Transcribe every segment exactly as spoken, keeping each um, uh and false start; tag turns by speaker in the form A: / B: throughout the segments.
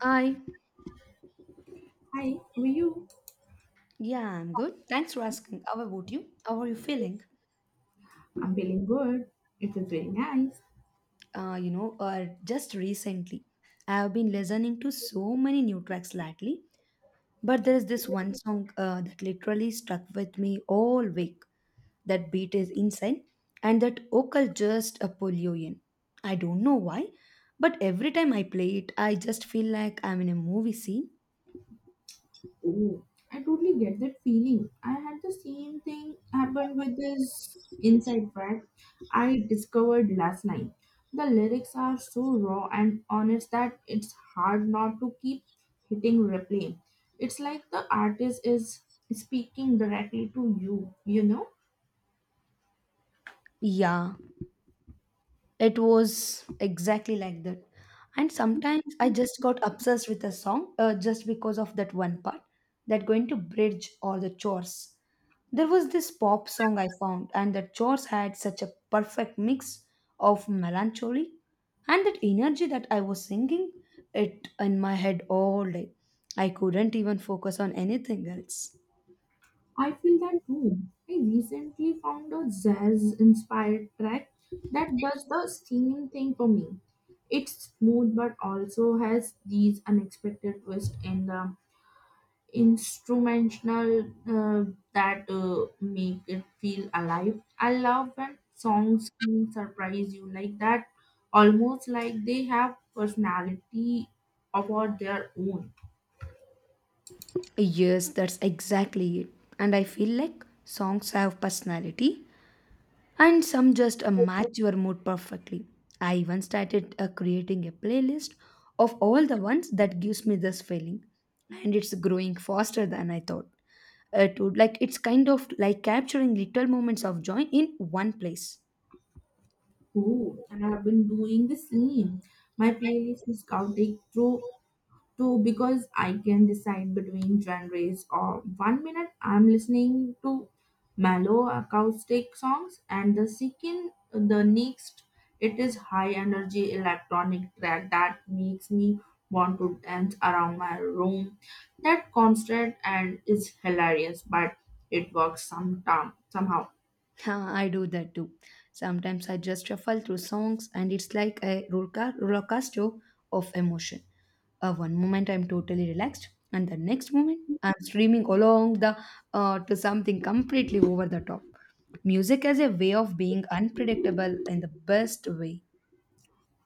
A: I,
B: Hi, how are you?
A: yeah, I'm good. Thanks for asking. How about you? How are you feeling?
B: I'm feeling good. It was very nice.
A: Uh, you know, uh, just recently, I have been listening to so many new tracks lately, but there is this one song uh, that literally stuck with me all week. That beat is insane, and that vocal just a pull you in. I don't know why, but every time I play it, I just feel like I'm in a movie scene.
B: Oh, I totally get that feeling. I had the same thing happen with this inside track I discovered last night. The lyrics are so raw and honest that it's hard not to keep hitting replay. It's like the artist is speaking directly to you, you know?
A: Yeah, it was exactly like that. And sometimes I just got obsessed with a song uh, just because of that one part that going to bridge or the chores. There was this pop song I found, and the chores had such a perfect mix of melancholy and that energy that I was singing it in my head all day. I couldn't even focus on anything else.
B: I feel that too. I recently found a jazz inspired track that does the same thing for me. It's smooth but also has these unexpected twists in the instrumental uh, that uh, make it feel alive. I love when songs can surprise you like that, almost like they have personality of their own.
A: Yes, that's exactly it. And I feel like songs have personality and some just uh, match your mood perfectly. I even started uh, creating a playlist of all the ones that gives me this feeling, and it's growing faster than I thought. It would like it's kind of like capturing little moments of joy in one place.
B: Oh, I have been doing the same. My playlist is counting through too because I can decide between genres. Or one minute I'm listening to mellow acoustic songs, and the second, the next, it is high energy electronic track that makes me want to dance around my room. That constant and is hilarious, but it works sometime somehow.
A: Yeah, I do that too. Sometimes I just shuffle through songs and it's like a roller co- roller coaster of emotion. Uh, one moment I'm totally relaxed, and the next moment I'm streaming along the uh, to something completely over the top. Music as a way of being unpredictable in the best way.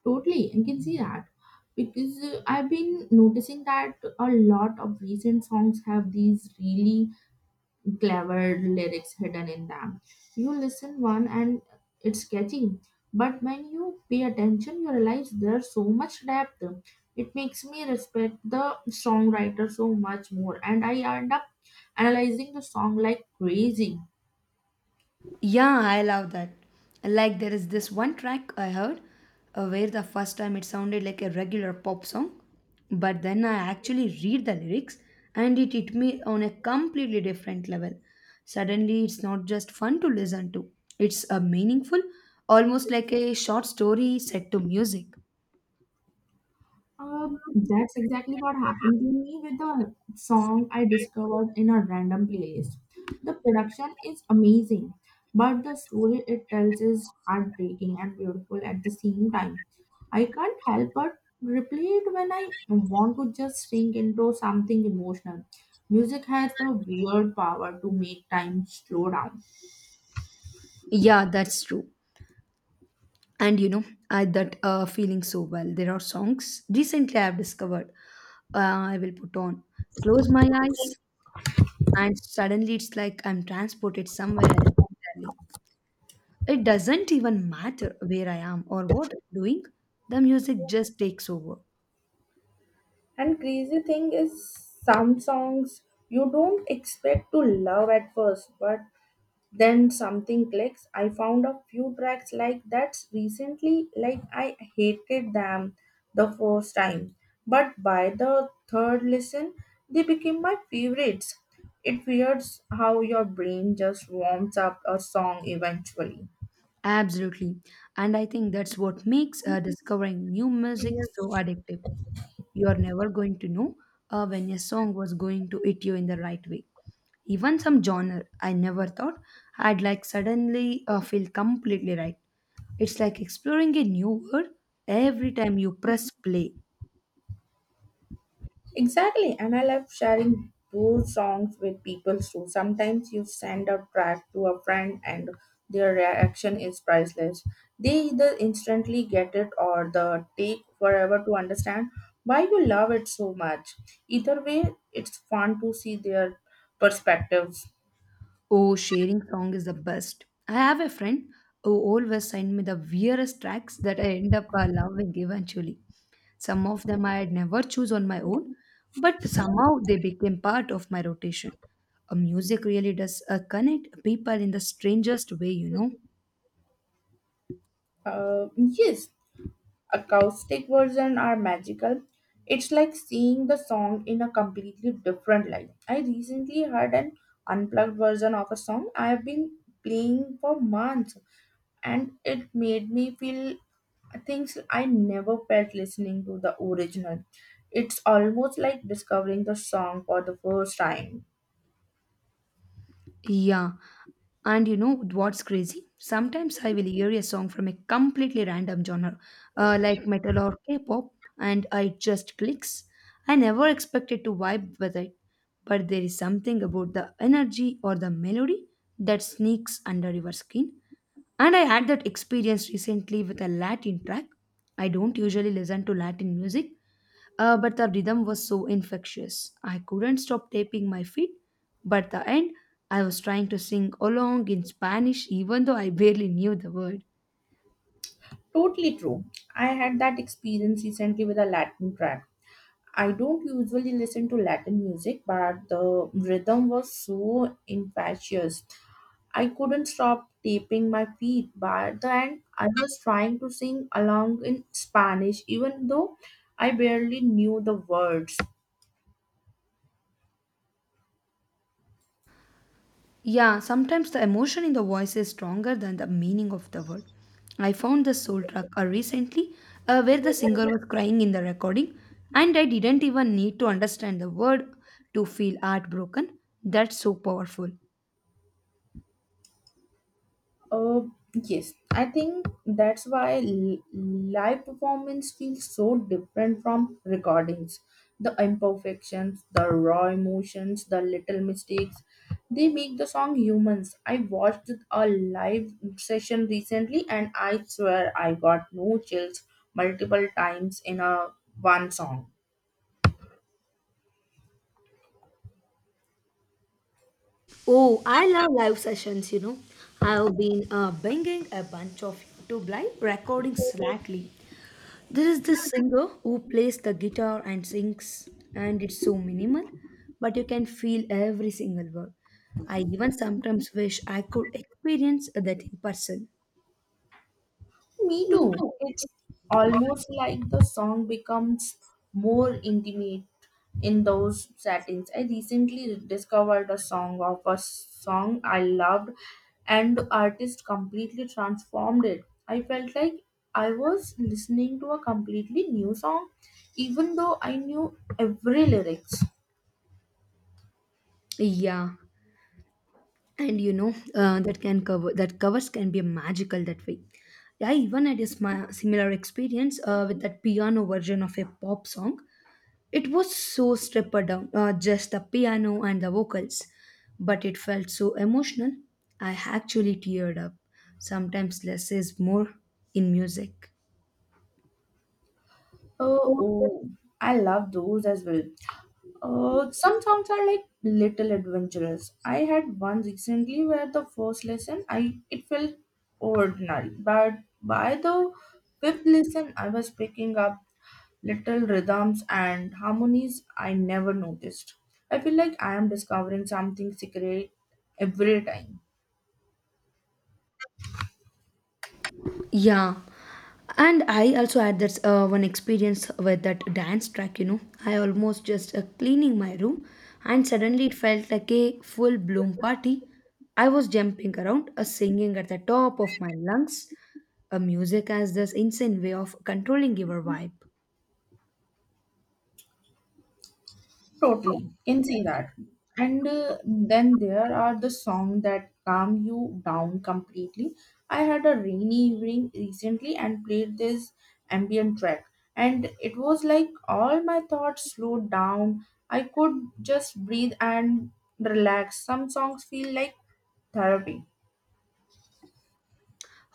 B: Totally, I can see that because uh, I've been noticing that a lot of recent songs have these really clever lyrics hidden in them. You listen one and it's catchy, but when you pay attention, you realize there's so much depth. It makes me respect the songwriter so much more, and I end up analyzing the song like crazy.
A: Yeah, I love that. Like there is this one track I heard uh, where the first time it sounded like a regular pop song, but then I actually read the lyrics and it hit me on a completely different level. Suddenly, it's not just fun to listen to; it's a meaningful, almost like a short story set to music.
B: Uh, that's exactly what happened to me with the song I discovered in a random playlist. The production is amazing, but the story it tells is heartbreaking and beautiful at the same time. I can't help but replay it when I want to just sink into something emotional. Music has the weird power to make time slow down.
A: Yeah, that's true. And you know, I that uh, feeling so well. There are songs recently I've discovered. Uh, I will put on. Close my eyes. And suddenly it's like I'm transported somewhere else entirely. It doesn't even matter where I am or what I'm doing, the music just takes over.
B: And crazy thing is some songs you don't expect to love at first, but then something clicks i found a few tracks like that recently. Like, I hated them the first time, but by the third listen they became my favorites. It weirds how your brain just warms up a song eventually.
A: Absolutely. And I think that's what makes uh, discovering new music so addictive. You're never going to know uh, when a song was going to hit you in the right way. Even some genre I never thought I'd like suddenly uh, feel completely right. It's like exploring a new world every time you press play.
B: Exactly, and I love sharing those songs with people too. Sometimes you send a track to a friend and their reaction is priceless. They either instantly get it or the take forever to understand why you love it so much. Either way, it's fun to see their perspectives.
A: Oh, sharing song is the best. I have a friend who always send me the weirdest tracks that I end up uh, loving eventually. Some of them I had never choose on my own, but somehow they became part of my rotation. A music really does uh, connect people in the strangest way, you know.
B: Uh, yes, acoustic version are magical. It's like seeing the song in a completely different light. I recently heard an unplugged version of a song I've been playing for months and it made me feel things I never felt listening to the original. It's almost like discovering the song for the first time.
A: Yeah, and you know what's crazy? Sometimes I will hear a song from a completely random genre, uh, like metal or K pop, and I just clicks. I never expected to vibe with it, but there is something about the energy or the melody that sneaks under your skin. And I had that experience recently with a Latin track. I don't usually listen to Latin music, uh, but the rhythm was so infectious. I couldn't stop tapping my feet. But the end, I was trying to sing along in Spanish even though I barely knew the word.
B: Totally true. I had that experience recently with a Latin track. I don't usually listen to Latin music, but the rhythm was so infectious. I couldn't stop tapping my feet. By the end, I was trying to sing along in Spanish, even though I barely knew the words.
A: Yeah, sometimes the emotion in the voice is stronger than the meaning of the word. I found the soul track uh, recently uh, where the singer was crying in the recording and I didn't even need to understand the word to feel heartbroken. That's so powerful.
B: Uh, yes, I think that's why l- live performance feels so different from recordings. The imperfections, the raw emotions, the little mistakes, they make the song humans. I watched a live session recently and I swear I got no chills multiple times in a one song.
A: Oh, I love live sessions, you know. I've been uh, binging a bunch of YouTube live recordings lately. There is this singer who plays the guitar and sings, and it's so minimal, but you can feel every single word. I even sometimes wish I could experience that in person.
B: Me
A: Me
B: too.
A: too.
B: It's almost like the song becomes more intimate in those settings. I recently discovered a song of a song I loved, and the artist completely transformed it. I felt like I was listening to a completely new song, even though I knew every lyrics.
A: Yeah, and you know uh, that can cover that covers can be magical that way. I even had a smi- similar experience uh, with that piano version of a pop song. It was so stripped down, uh, just the piano and the vocals, but it felt so emotional. I actually teared up. Sometimes less is more in music.
B: Oh, oh, I love those as well. Uh, some songs are like little adventurous. I had one recently where the first lesson I it felt ordinary, but by the fifth lesson I was picking up little rhythms and harmonies I never noticed. I feel like I am discovering something secret every time.
A: Yeah, and I also had that uh, one experience with that dance track. You know, I almost just uh, cleaning my room, and suddenly it felt like a full bloom party. I was jumping around, uh, singing at the top of my lungs. A music has this insane way of controlling your vibe.
B: Totally, can say that. And uh, then there are the songs that calm you down completely. I had a rainy evening recently and played this ambient track, and it was like all my thoughts slowed down. I could just breathe and relax. Some songs feel like therapy.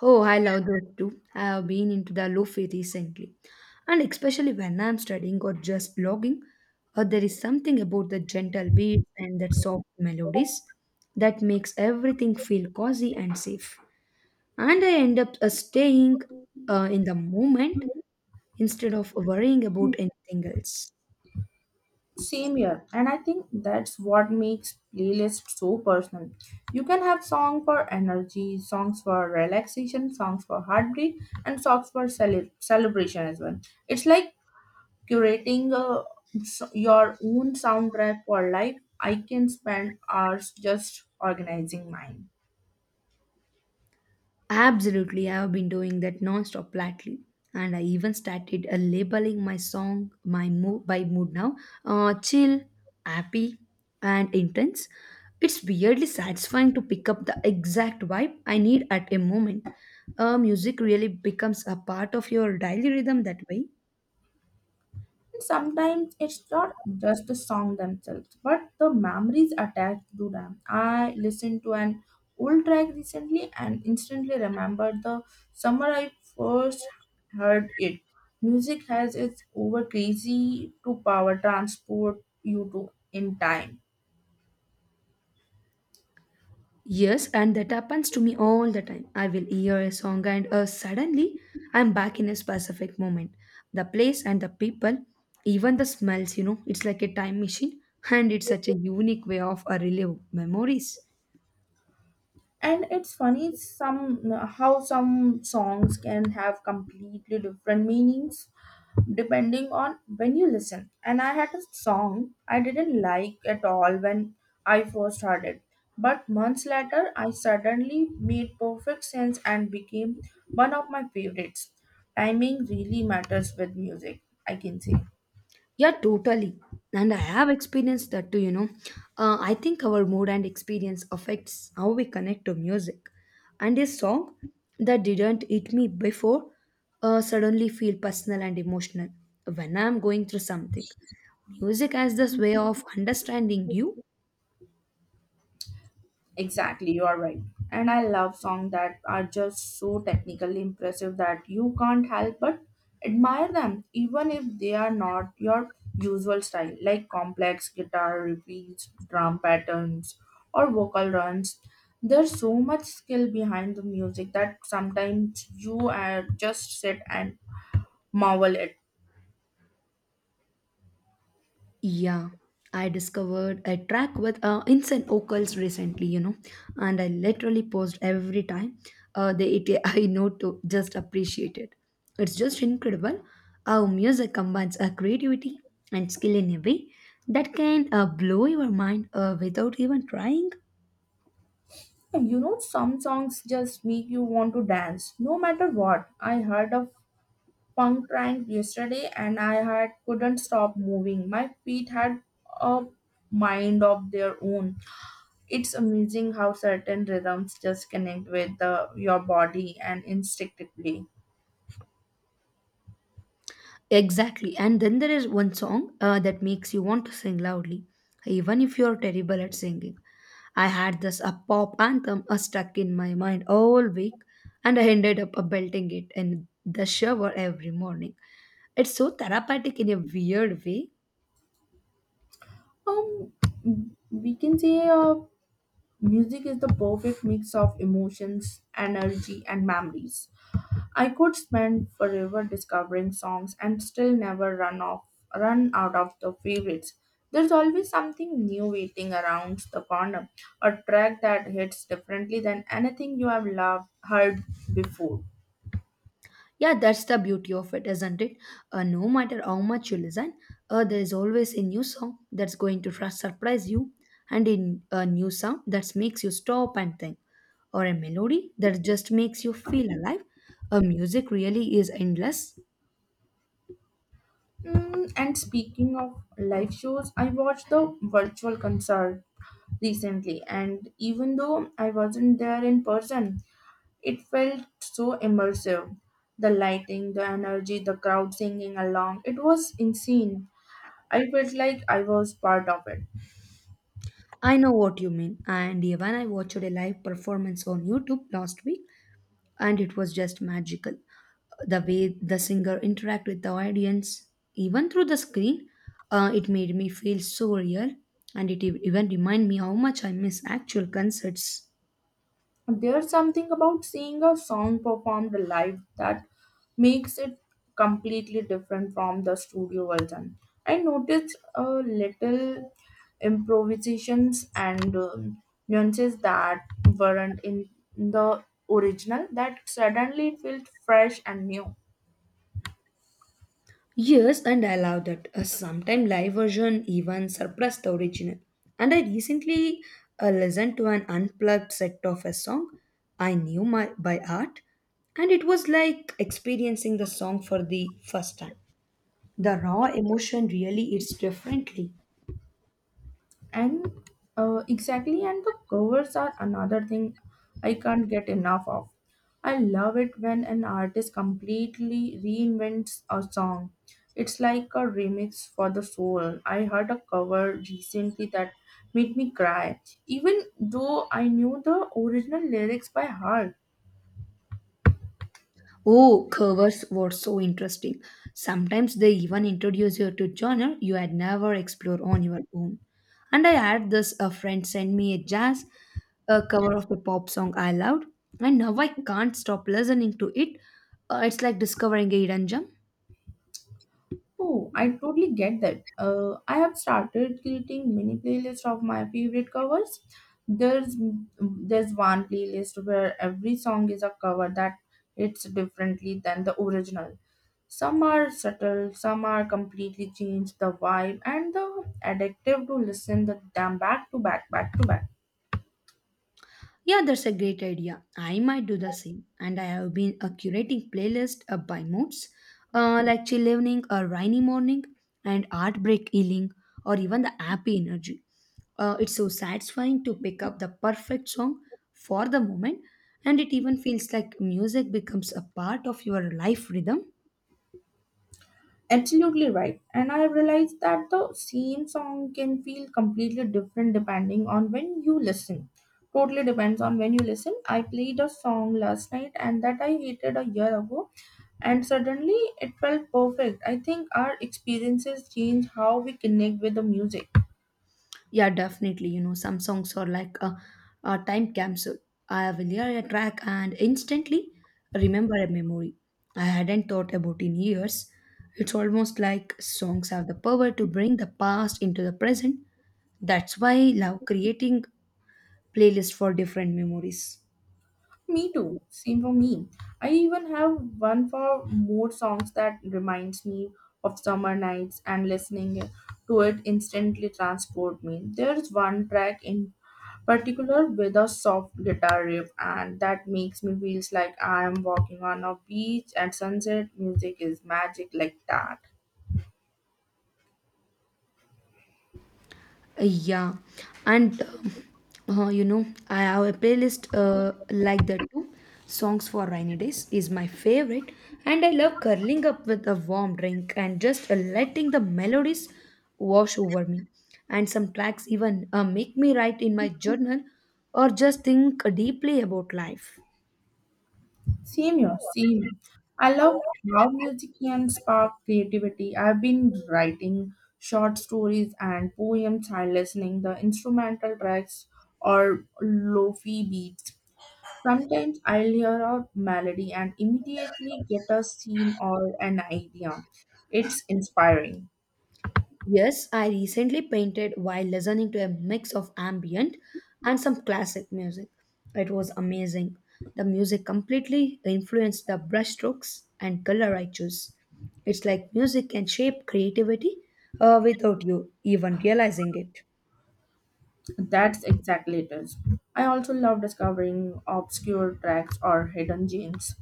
A: Oh, I love those too. I have been into the lofi recently. And especially when I'm studying or just blogging, or there is something about the gentle beats and that soft melodies that makes everything feel cozy and safe. And I end up uh, staying uh, in the moment instead of worrying about anything else.
B: Same here, and I think that's what makes playlists so personal. You can have song for energy, songs for relaxation, songs for heartbreak, and songs for cele- celebration as well. It's like curating uh, s- your own soundtrack for life. I can spend hours just organizing mine.
A: Absolutely, I have been doing that nonstop lately. And I even started uh, labeling my song my mood by mood now. Uh, chill, happy, and intense. It's weirdly satisfying to pick up the exact vibe I need at a moment. Uh, music really becomes a part of your daily rhythm that way.
B: Sometimes it's not just the song themselves, but the memories attached to them. I listened to an old track recently and instantly remembered the summer I first heard it. Music has its over crazy to power transport you to in time.
A: Yes, and that happens to me all the time. I will hear a song and uh, suddenly I'm back in a specific moment. The place and the people, even the smells, you know, it's like a time machine and it's such a unique way of a relive memories.
B: And it's funny some how some songs can have completely different meanings depending on when you listen. And I had a song I didn't like at all when I first heard it. But months later, I suddenly made perfect sense and became one of my favorites. Timing really matters with music, I can say.
A: Yeah, totally. And I have experienced that too, you know. Uh, I think our mood and experience affects how we connect to music. And a song that didn't hit me before uh, suddenly feel personal and emotional when I'm going through something. Music has this way of understanding you.
B: Exactly, you are right. And I love songs that are just so technically impressive that you can't help but admire them, even if they are not your usual style, like complex guitar repeats, drum patterns, or vocal runs. There's so much skill behind the music that sometimes you uh, just sit and marvel at.
A: Yeah, I discovered a track with uh, Insane Ocals recently, you know, and I literally paused every time uh, the A T I I know to just appreciate it. It's just incredible how music combines uh, creativity and skill in a way that can uh, blow your mind uh, without even trying.
B: You know, some songs just make you want to dance, no matter what. I heard of punk prank yesterday and I had couldn't stop moving. My feet had a mind of their own. It's amazing how certain rhythms just connect with the, your body and instinctively.
A: Exactly. And then there is one song uh, that makes you want to sing loudly, even if you're terrible at singing. I had this a pop anthem uh, stuck in my mind all week, and I ended up uh, belting it in the shower every morning. It's so therapeutic in a weird way.
B: Um, we can say uh, music is the perfect mix of emotions, energy, and memories. I could spend forever discovering songs and still never run off run out of the favorites. There's always something new waiting around the corner, a track that hits differently than anything you have loved heard before.
A: Yeah, that's the beauty of it, isn't it? Uh, no matter how much you listen, uh, there is always a new song that's going to fr- surprise you, and in a new sound that makes you stop and think, or a melody that just makes you feel alive. Uh, music really is endless.
B: Mm, and speaking of live shows, I watched the virtual concert recently, and even though I wasn't there in person, it felt so immersive. The lighting, the energy, the crowd singing along, it was insane. I felt like I was part of it.
A: I know what you mean, and when I watched a live performance on YouTube last week and it was just magical the way the singer interact with the audience even through the screen uh, it made me feel so real and it ev- even remind me how much I miss actual concerts.
B: There's something about seeing a song performed live that makes it completely different from the studio version. I noticed a little improvisations and um, nuances that weren't in the original that suddenly felt fresh and new.
A: Yes, and I love that a sometime live version even surpassed the original, and I recently uh, listened to an unplugged set of a song I knew my by heart, and it was like experiencing the song for the first time. The raw emotion really hits differently.
B: and uh, exactly, and the covers are another thing I can't get enough of. I love it when an artist completely reinvents a song. It's like a remix for the soul. I heard a cover recently that made me cry even though I knew the original lyrics by heart.
A: Oh, covers were so interesting. Sometimes they even introduce you to genre you had never explored on your own. And I had this a friend send me a jazz a cover of a pop song I loved, and now I can't stop listening to it. Uh, it's like discovering a hidden gem.
B: Oh, I totally get that. Uh, I have started creating mini playlists of my favorite covers. There's there's one playlist where every song is a cover that it's differently than the original. Some are subtle, some are completely change the vibe and the addictive to listen the damn back to back back to back.
A: Yeah, that's a great idea. I might do the same. And I have been uh, curating playlist uh, by moods, uh, like chill evening or rainy morning, and heartbreak healing, or even the happy energy. Uh, it's so satisfying to pick up the perfect song for the moment, and it even feels like music becomes a part of your life rhythm.
B: Absolutely right. And I have realized that the same song can feel completely different depending on when you listen. Totally depends on when you listen. I played a song last night and that I hated a year ago, and suddenly it felt perfect. I think our experiences change how we connect with the music.
A: Yeah, definitely. You know, some songs are like a, a time capsule. I will hear a track and instantly remember a memory I hadn't thought about in years. It's almost like songs have the power to bring the past into the present. That's why I love creating playlists for different memories.
B: Me too. Same for me. I even have one for mood songs that reminds me of summer nights and listening to it instantly transport me. There's one track in particular with a soft guitar riff and that makes me feels like I am walking on a beach at sunset. Music is magic like that.
A: Yeah, and um, uh, you know, I have a playlist uh, like that too. Songs for rainy days is my favorite, and I love curling up with a warm drink and just uh, letting the melodies wash over me. And some tracks even uh, make me write in my journal or just think deeply about life.
B: Same here, same. I love how music can spark creativity. I've been writing short stories and poems while listening the instrumental tracks or lofi beats. Sometimes I'll hear a melody and immediately get a scene or an idea. It's inspiring.
A: Yes, I recently painted while listening to a mix of ambient and some classic music. It was amazing. The music completely influenced the brushstrokes and color I choose. It's like music can shape creativity uh, without you even realizing it.
B: That's exactly it is. I also love discovering obscure tracks or hidden gems.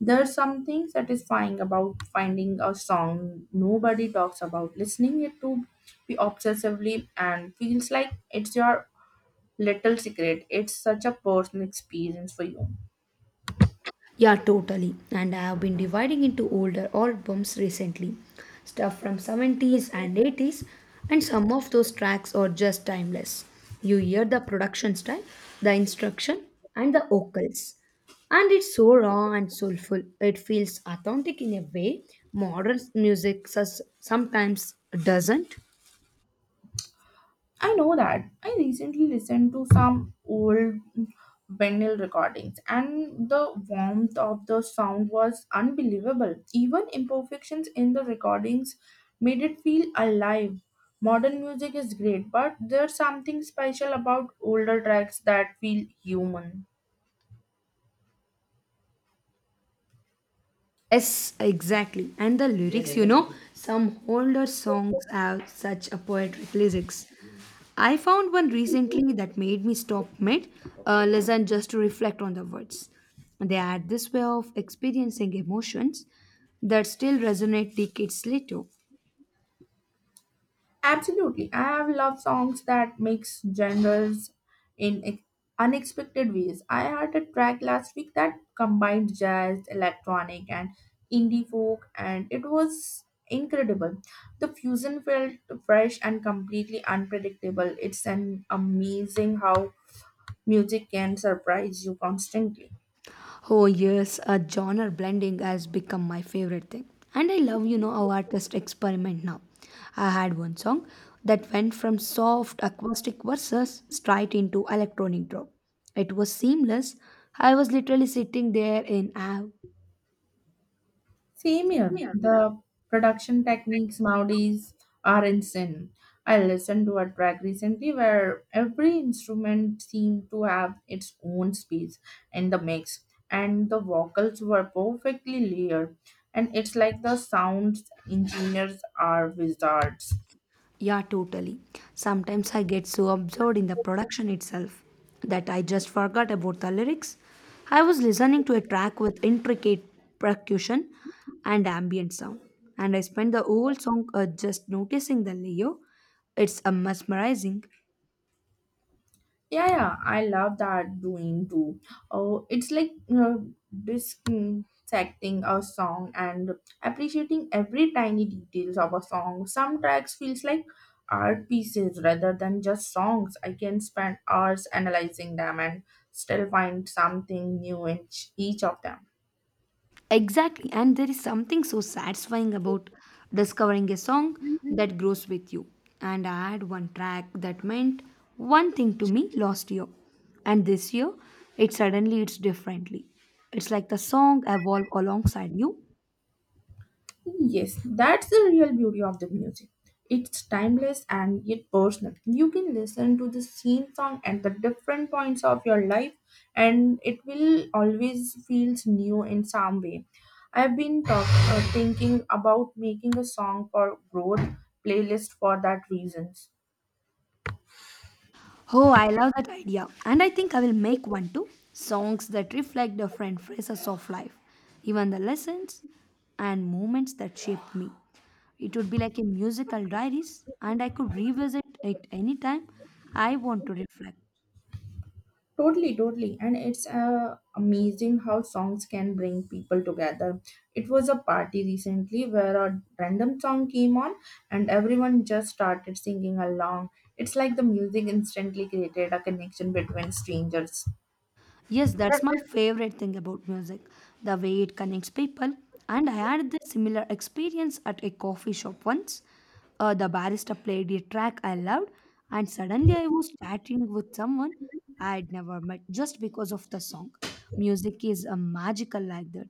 B: There's something satisfying about finding a song nobody talks about, listening it to be obsessively and feels like it's your little secret. It's such a personal experience for you.
A: Yeah, totally. And I have been dividing into older albums recently. Stuff from seventies and eighties, and some of those tracks are just timeless. You hear the production style, the instruction, and the vocals. And it's so raw and soulful. It feels authentic in a way modern music sus- sometimes doesn't.
B: I know that. I recently listened to some old vinyl recordings, and the warmth of the sound was unbelievable. Even imperfections in the recordings made it feel alive. Modern music is great, but there's something special about older tracks that feel human.
A: Yes, exactly. And the lyrics, you know, some older songs have such a poetic lyrics. I found one recently that made me stop mid, uh, listen just to reflect on the words. They had this way of experiencing emotions that still resonate decades later.
B: Absolutely. I have loved songs that mix genres in ex- unexpected ways. I heard a track last week that combined jazz, electronic, and indie folk, and it was incredible. The fusion felt fresh and completely unpredictable. It's an amazing how music can surprise you constantly.
A: Oh yes, a genre blending has become my favorite thing. And I love, you know, how artists experiment now. I had one song that went from soft acoustic verses straight into electronic drop. It was seamless. I was literally sitting there in awe.
B: Same here. The production techniques nowadays are insane. I listened to a track recently where every instrument seemed to have its own space in the mix, and the vocals were perfectly layered. And it's like the sound engineers are wizards.
A: Yeah, totally. Sometimes I get so absorbed in the production itself that I just forgot about the lyrics. I was listening to a track with intricate percussion and ambient sound, and I spent the whole song uh, just noticing the layout. It's uh, mesmerizing.
B: Yeah, yeah, I love that doing too. Oh, it's like uh, dissecting a song and appreciating every tiny details of a song. Some tracks feels like art pieces rather than just songs. I can spend hours analyzing them and still find something new in each each of them.
A: Exactly, and there is something so satisfying about discovering a song that grows with you. And I had one track that meant one thing to me last year, and this year it suddenly it's differently. It's like the song evolved alongside you.
B: Yes, that's the real beauty of the music. It's timeless and yet personal. You can listen to the same song at the different points of your life, and it will always feels new in some way. I've been talk, uh, thinking about making a song for growth playlist for that reasons.
A: Oh, I love that idea. And I think I will make one too. Songs that reflect different phases of life, even the lessons and moments that shaped me. It would be like a musical diaries, and I could revisit it anytime I want to reflect.
B: Totally, totally. And it's uh, amazing how songs can bring people together. It was a party recently where a random song came on and everyone just started singing along. It's like the music instantly created a connection between strangers.
A: Yes, that's my favorite thing about music, the way it connects people. And I had this similar experience at a coffee shop once. Uh, the barista played a track I loved, and suddenly I was chatting with someone I had never met just because of the song. Music is a magical like that.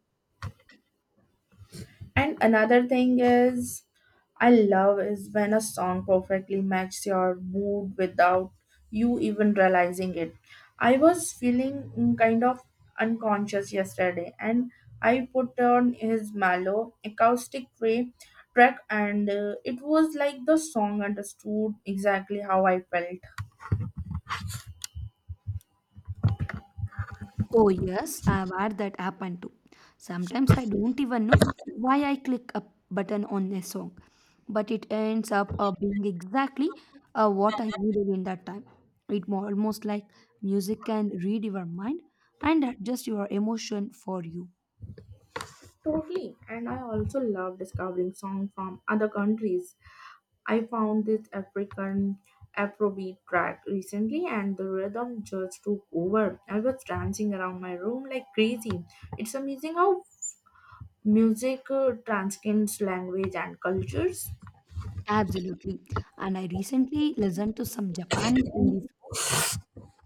B: And another thing is, I love is when a song perfectly matches your mood without you even realizing it. I was feeling mm, kind of unconscious yesterday, and I put on his mellow acoustic tray track, and uh, it was like the song understood exactly how I felt.
A: Oh, yes, I've had that happen too. Sometimes I don't even know why I click a button on a song, but it ends up uh, being exactly uh, what I needed in that time. It more almost like music can read your mind and adjust your emotion for you.
B: Totally, and I also love discovering songs from other countries. I found this African Afrobeat track recently and the rhythm just took over. I was dancing around my room like crazy. It's amazing how music uh, transcends language and cultures.
A: Absolutely. And I recently listened to some Japanese indie songs.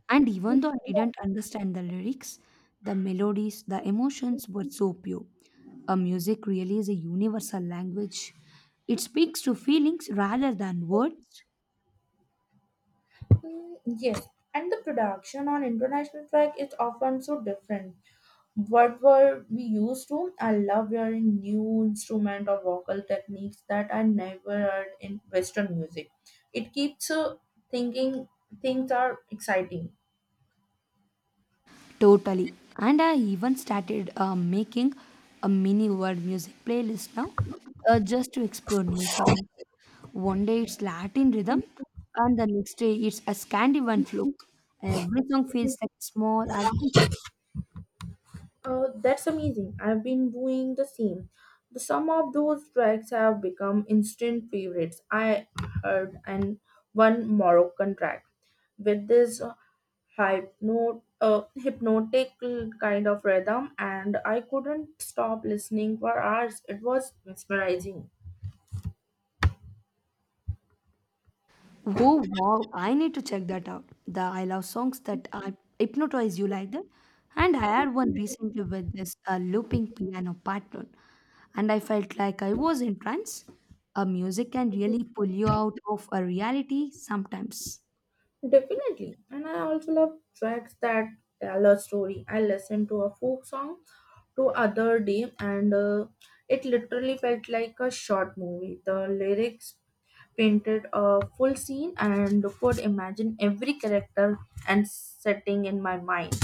A: And even though I didn't understand the lyrics, the melodies, the emotions were so pure. A music really is a universal language. It speaks to feelings rather than words.
B: Mm, yes, and the production on international track is often so different. What were we used to? I love hearing new instrument or vocal techniques that I never heard in Western music. It keeps uh, thinking things are exciting.
A: Totally. And I even started uh, making a mini world music playlist now, uh, just to explore new sounds. One day it's Latin rhythm, and the next day it's a Scandinavian folk. Every song feels like a small adventure.
B: Oh, that's amazing. I've been doing the same. The Some of those tracks have become instant favorites. I heard and one Moroccan track with this hypno, uh, hypnotic kind of rhythm, and I couldn't stop listening for hours. It was mesmerizing.
A: Oh wow, I need to check that out. The I love songs that uh, hypnotize you like that. And I had one recently with this uh, looping piano pattern, and I felt like I was in trance. A music can really pull you out of a reality sometimes.
B: Definitely. And I also love tracks that tell a story. I listened to a folk song to other day and uh, it literally felt like a short movie the lyrics painted a full scene and could imagine every character and setting in my mind.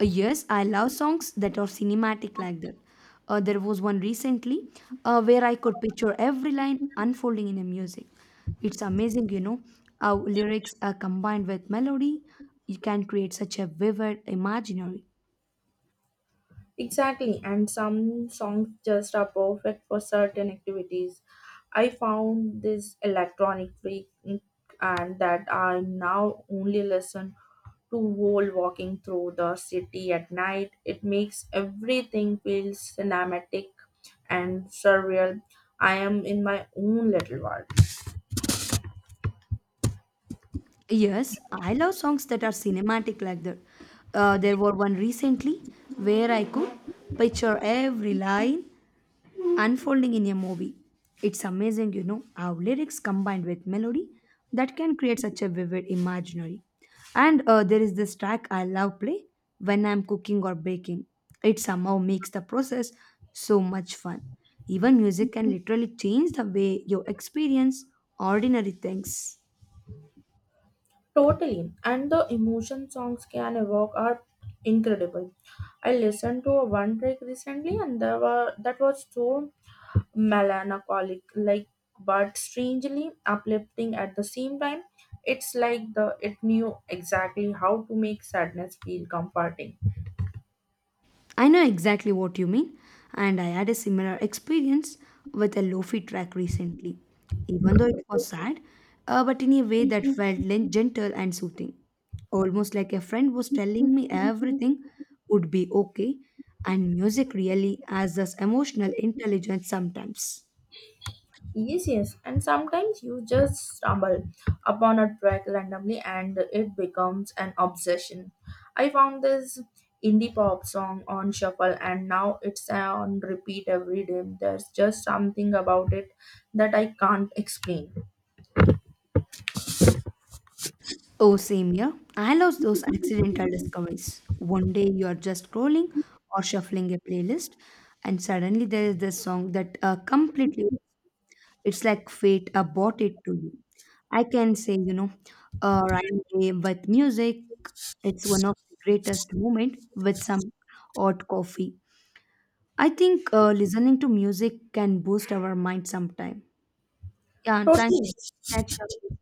A: Uh, yes, I love songs that are cinematic like that. Uh, there was one recently, uh, where I could picture every line unfolding in a music. It's amazing, you know, how lyrics are combined with melody. You can create such a vivid imaginary.
B: Exactly, and some songs just are perfect for certain activities. I found this electronic freak mm, and that I now only listen to whole walking through the city at night. It makes everything feel cinematic and surreal. I am in my own little world.
A: Yes, I love songs that are cinematic like that. Uh, there were one recently where I could picture every line unfolding in a movie. It's amazing, you know, how lyrics combined with melody that can create such a vivid imaginary. And uh, there is this track I love play when I'm cooking or baking. It somehow makes the process so much fun. Even music can literally change the way you experience ordinary things.
B: Totally. And the emotion songs can evoke are incredible. I listened to a one track recently and there were that was so melancholic like but strangely uplifting at the same time. It's like the it knew exactly how to make sadness feel comforting.
A: I know exactly what you mean, and I had a similar experience with a lofi track recently. Even though it was sad, uh, but in a way that felt len- gentle and soothing. Almost like a friend was telling me everything would be okay, and music really has this emotional intelligence sometimes.
B: Yes, yes, and sometimes you just stumble upon a track randomly and it becomes an obsession. I found this indie pop song on shuffle and now it's on repeat every day. There's just something about it that I can't explain.
A: Oh, same here. I love those accidental discoveries. One day you are just scrolling or shuffling a playlist, and suddenly there is this song that uh, completely. It's like fate uh, brought it to you. I can say, you know, uh, rhyme game with music. It's one of the greatest moment with some hot coffee. I think uh, listening to music can boost our mind sometime. Yeah, thank
B: Totally.
A: you. Catch up.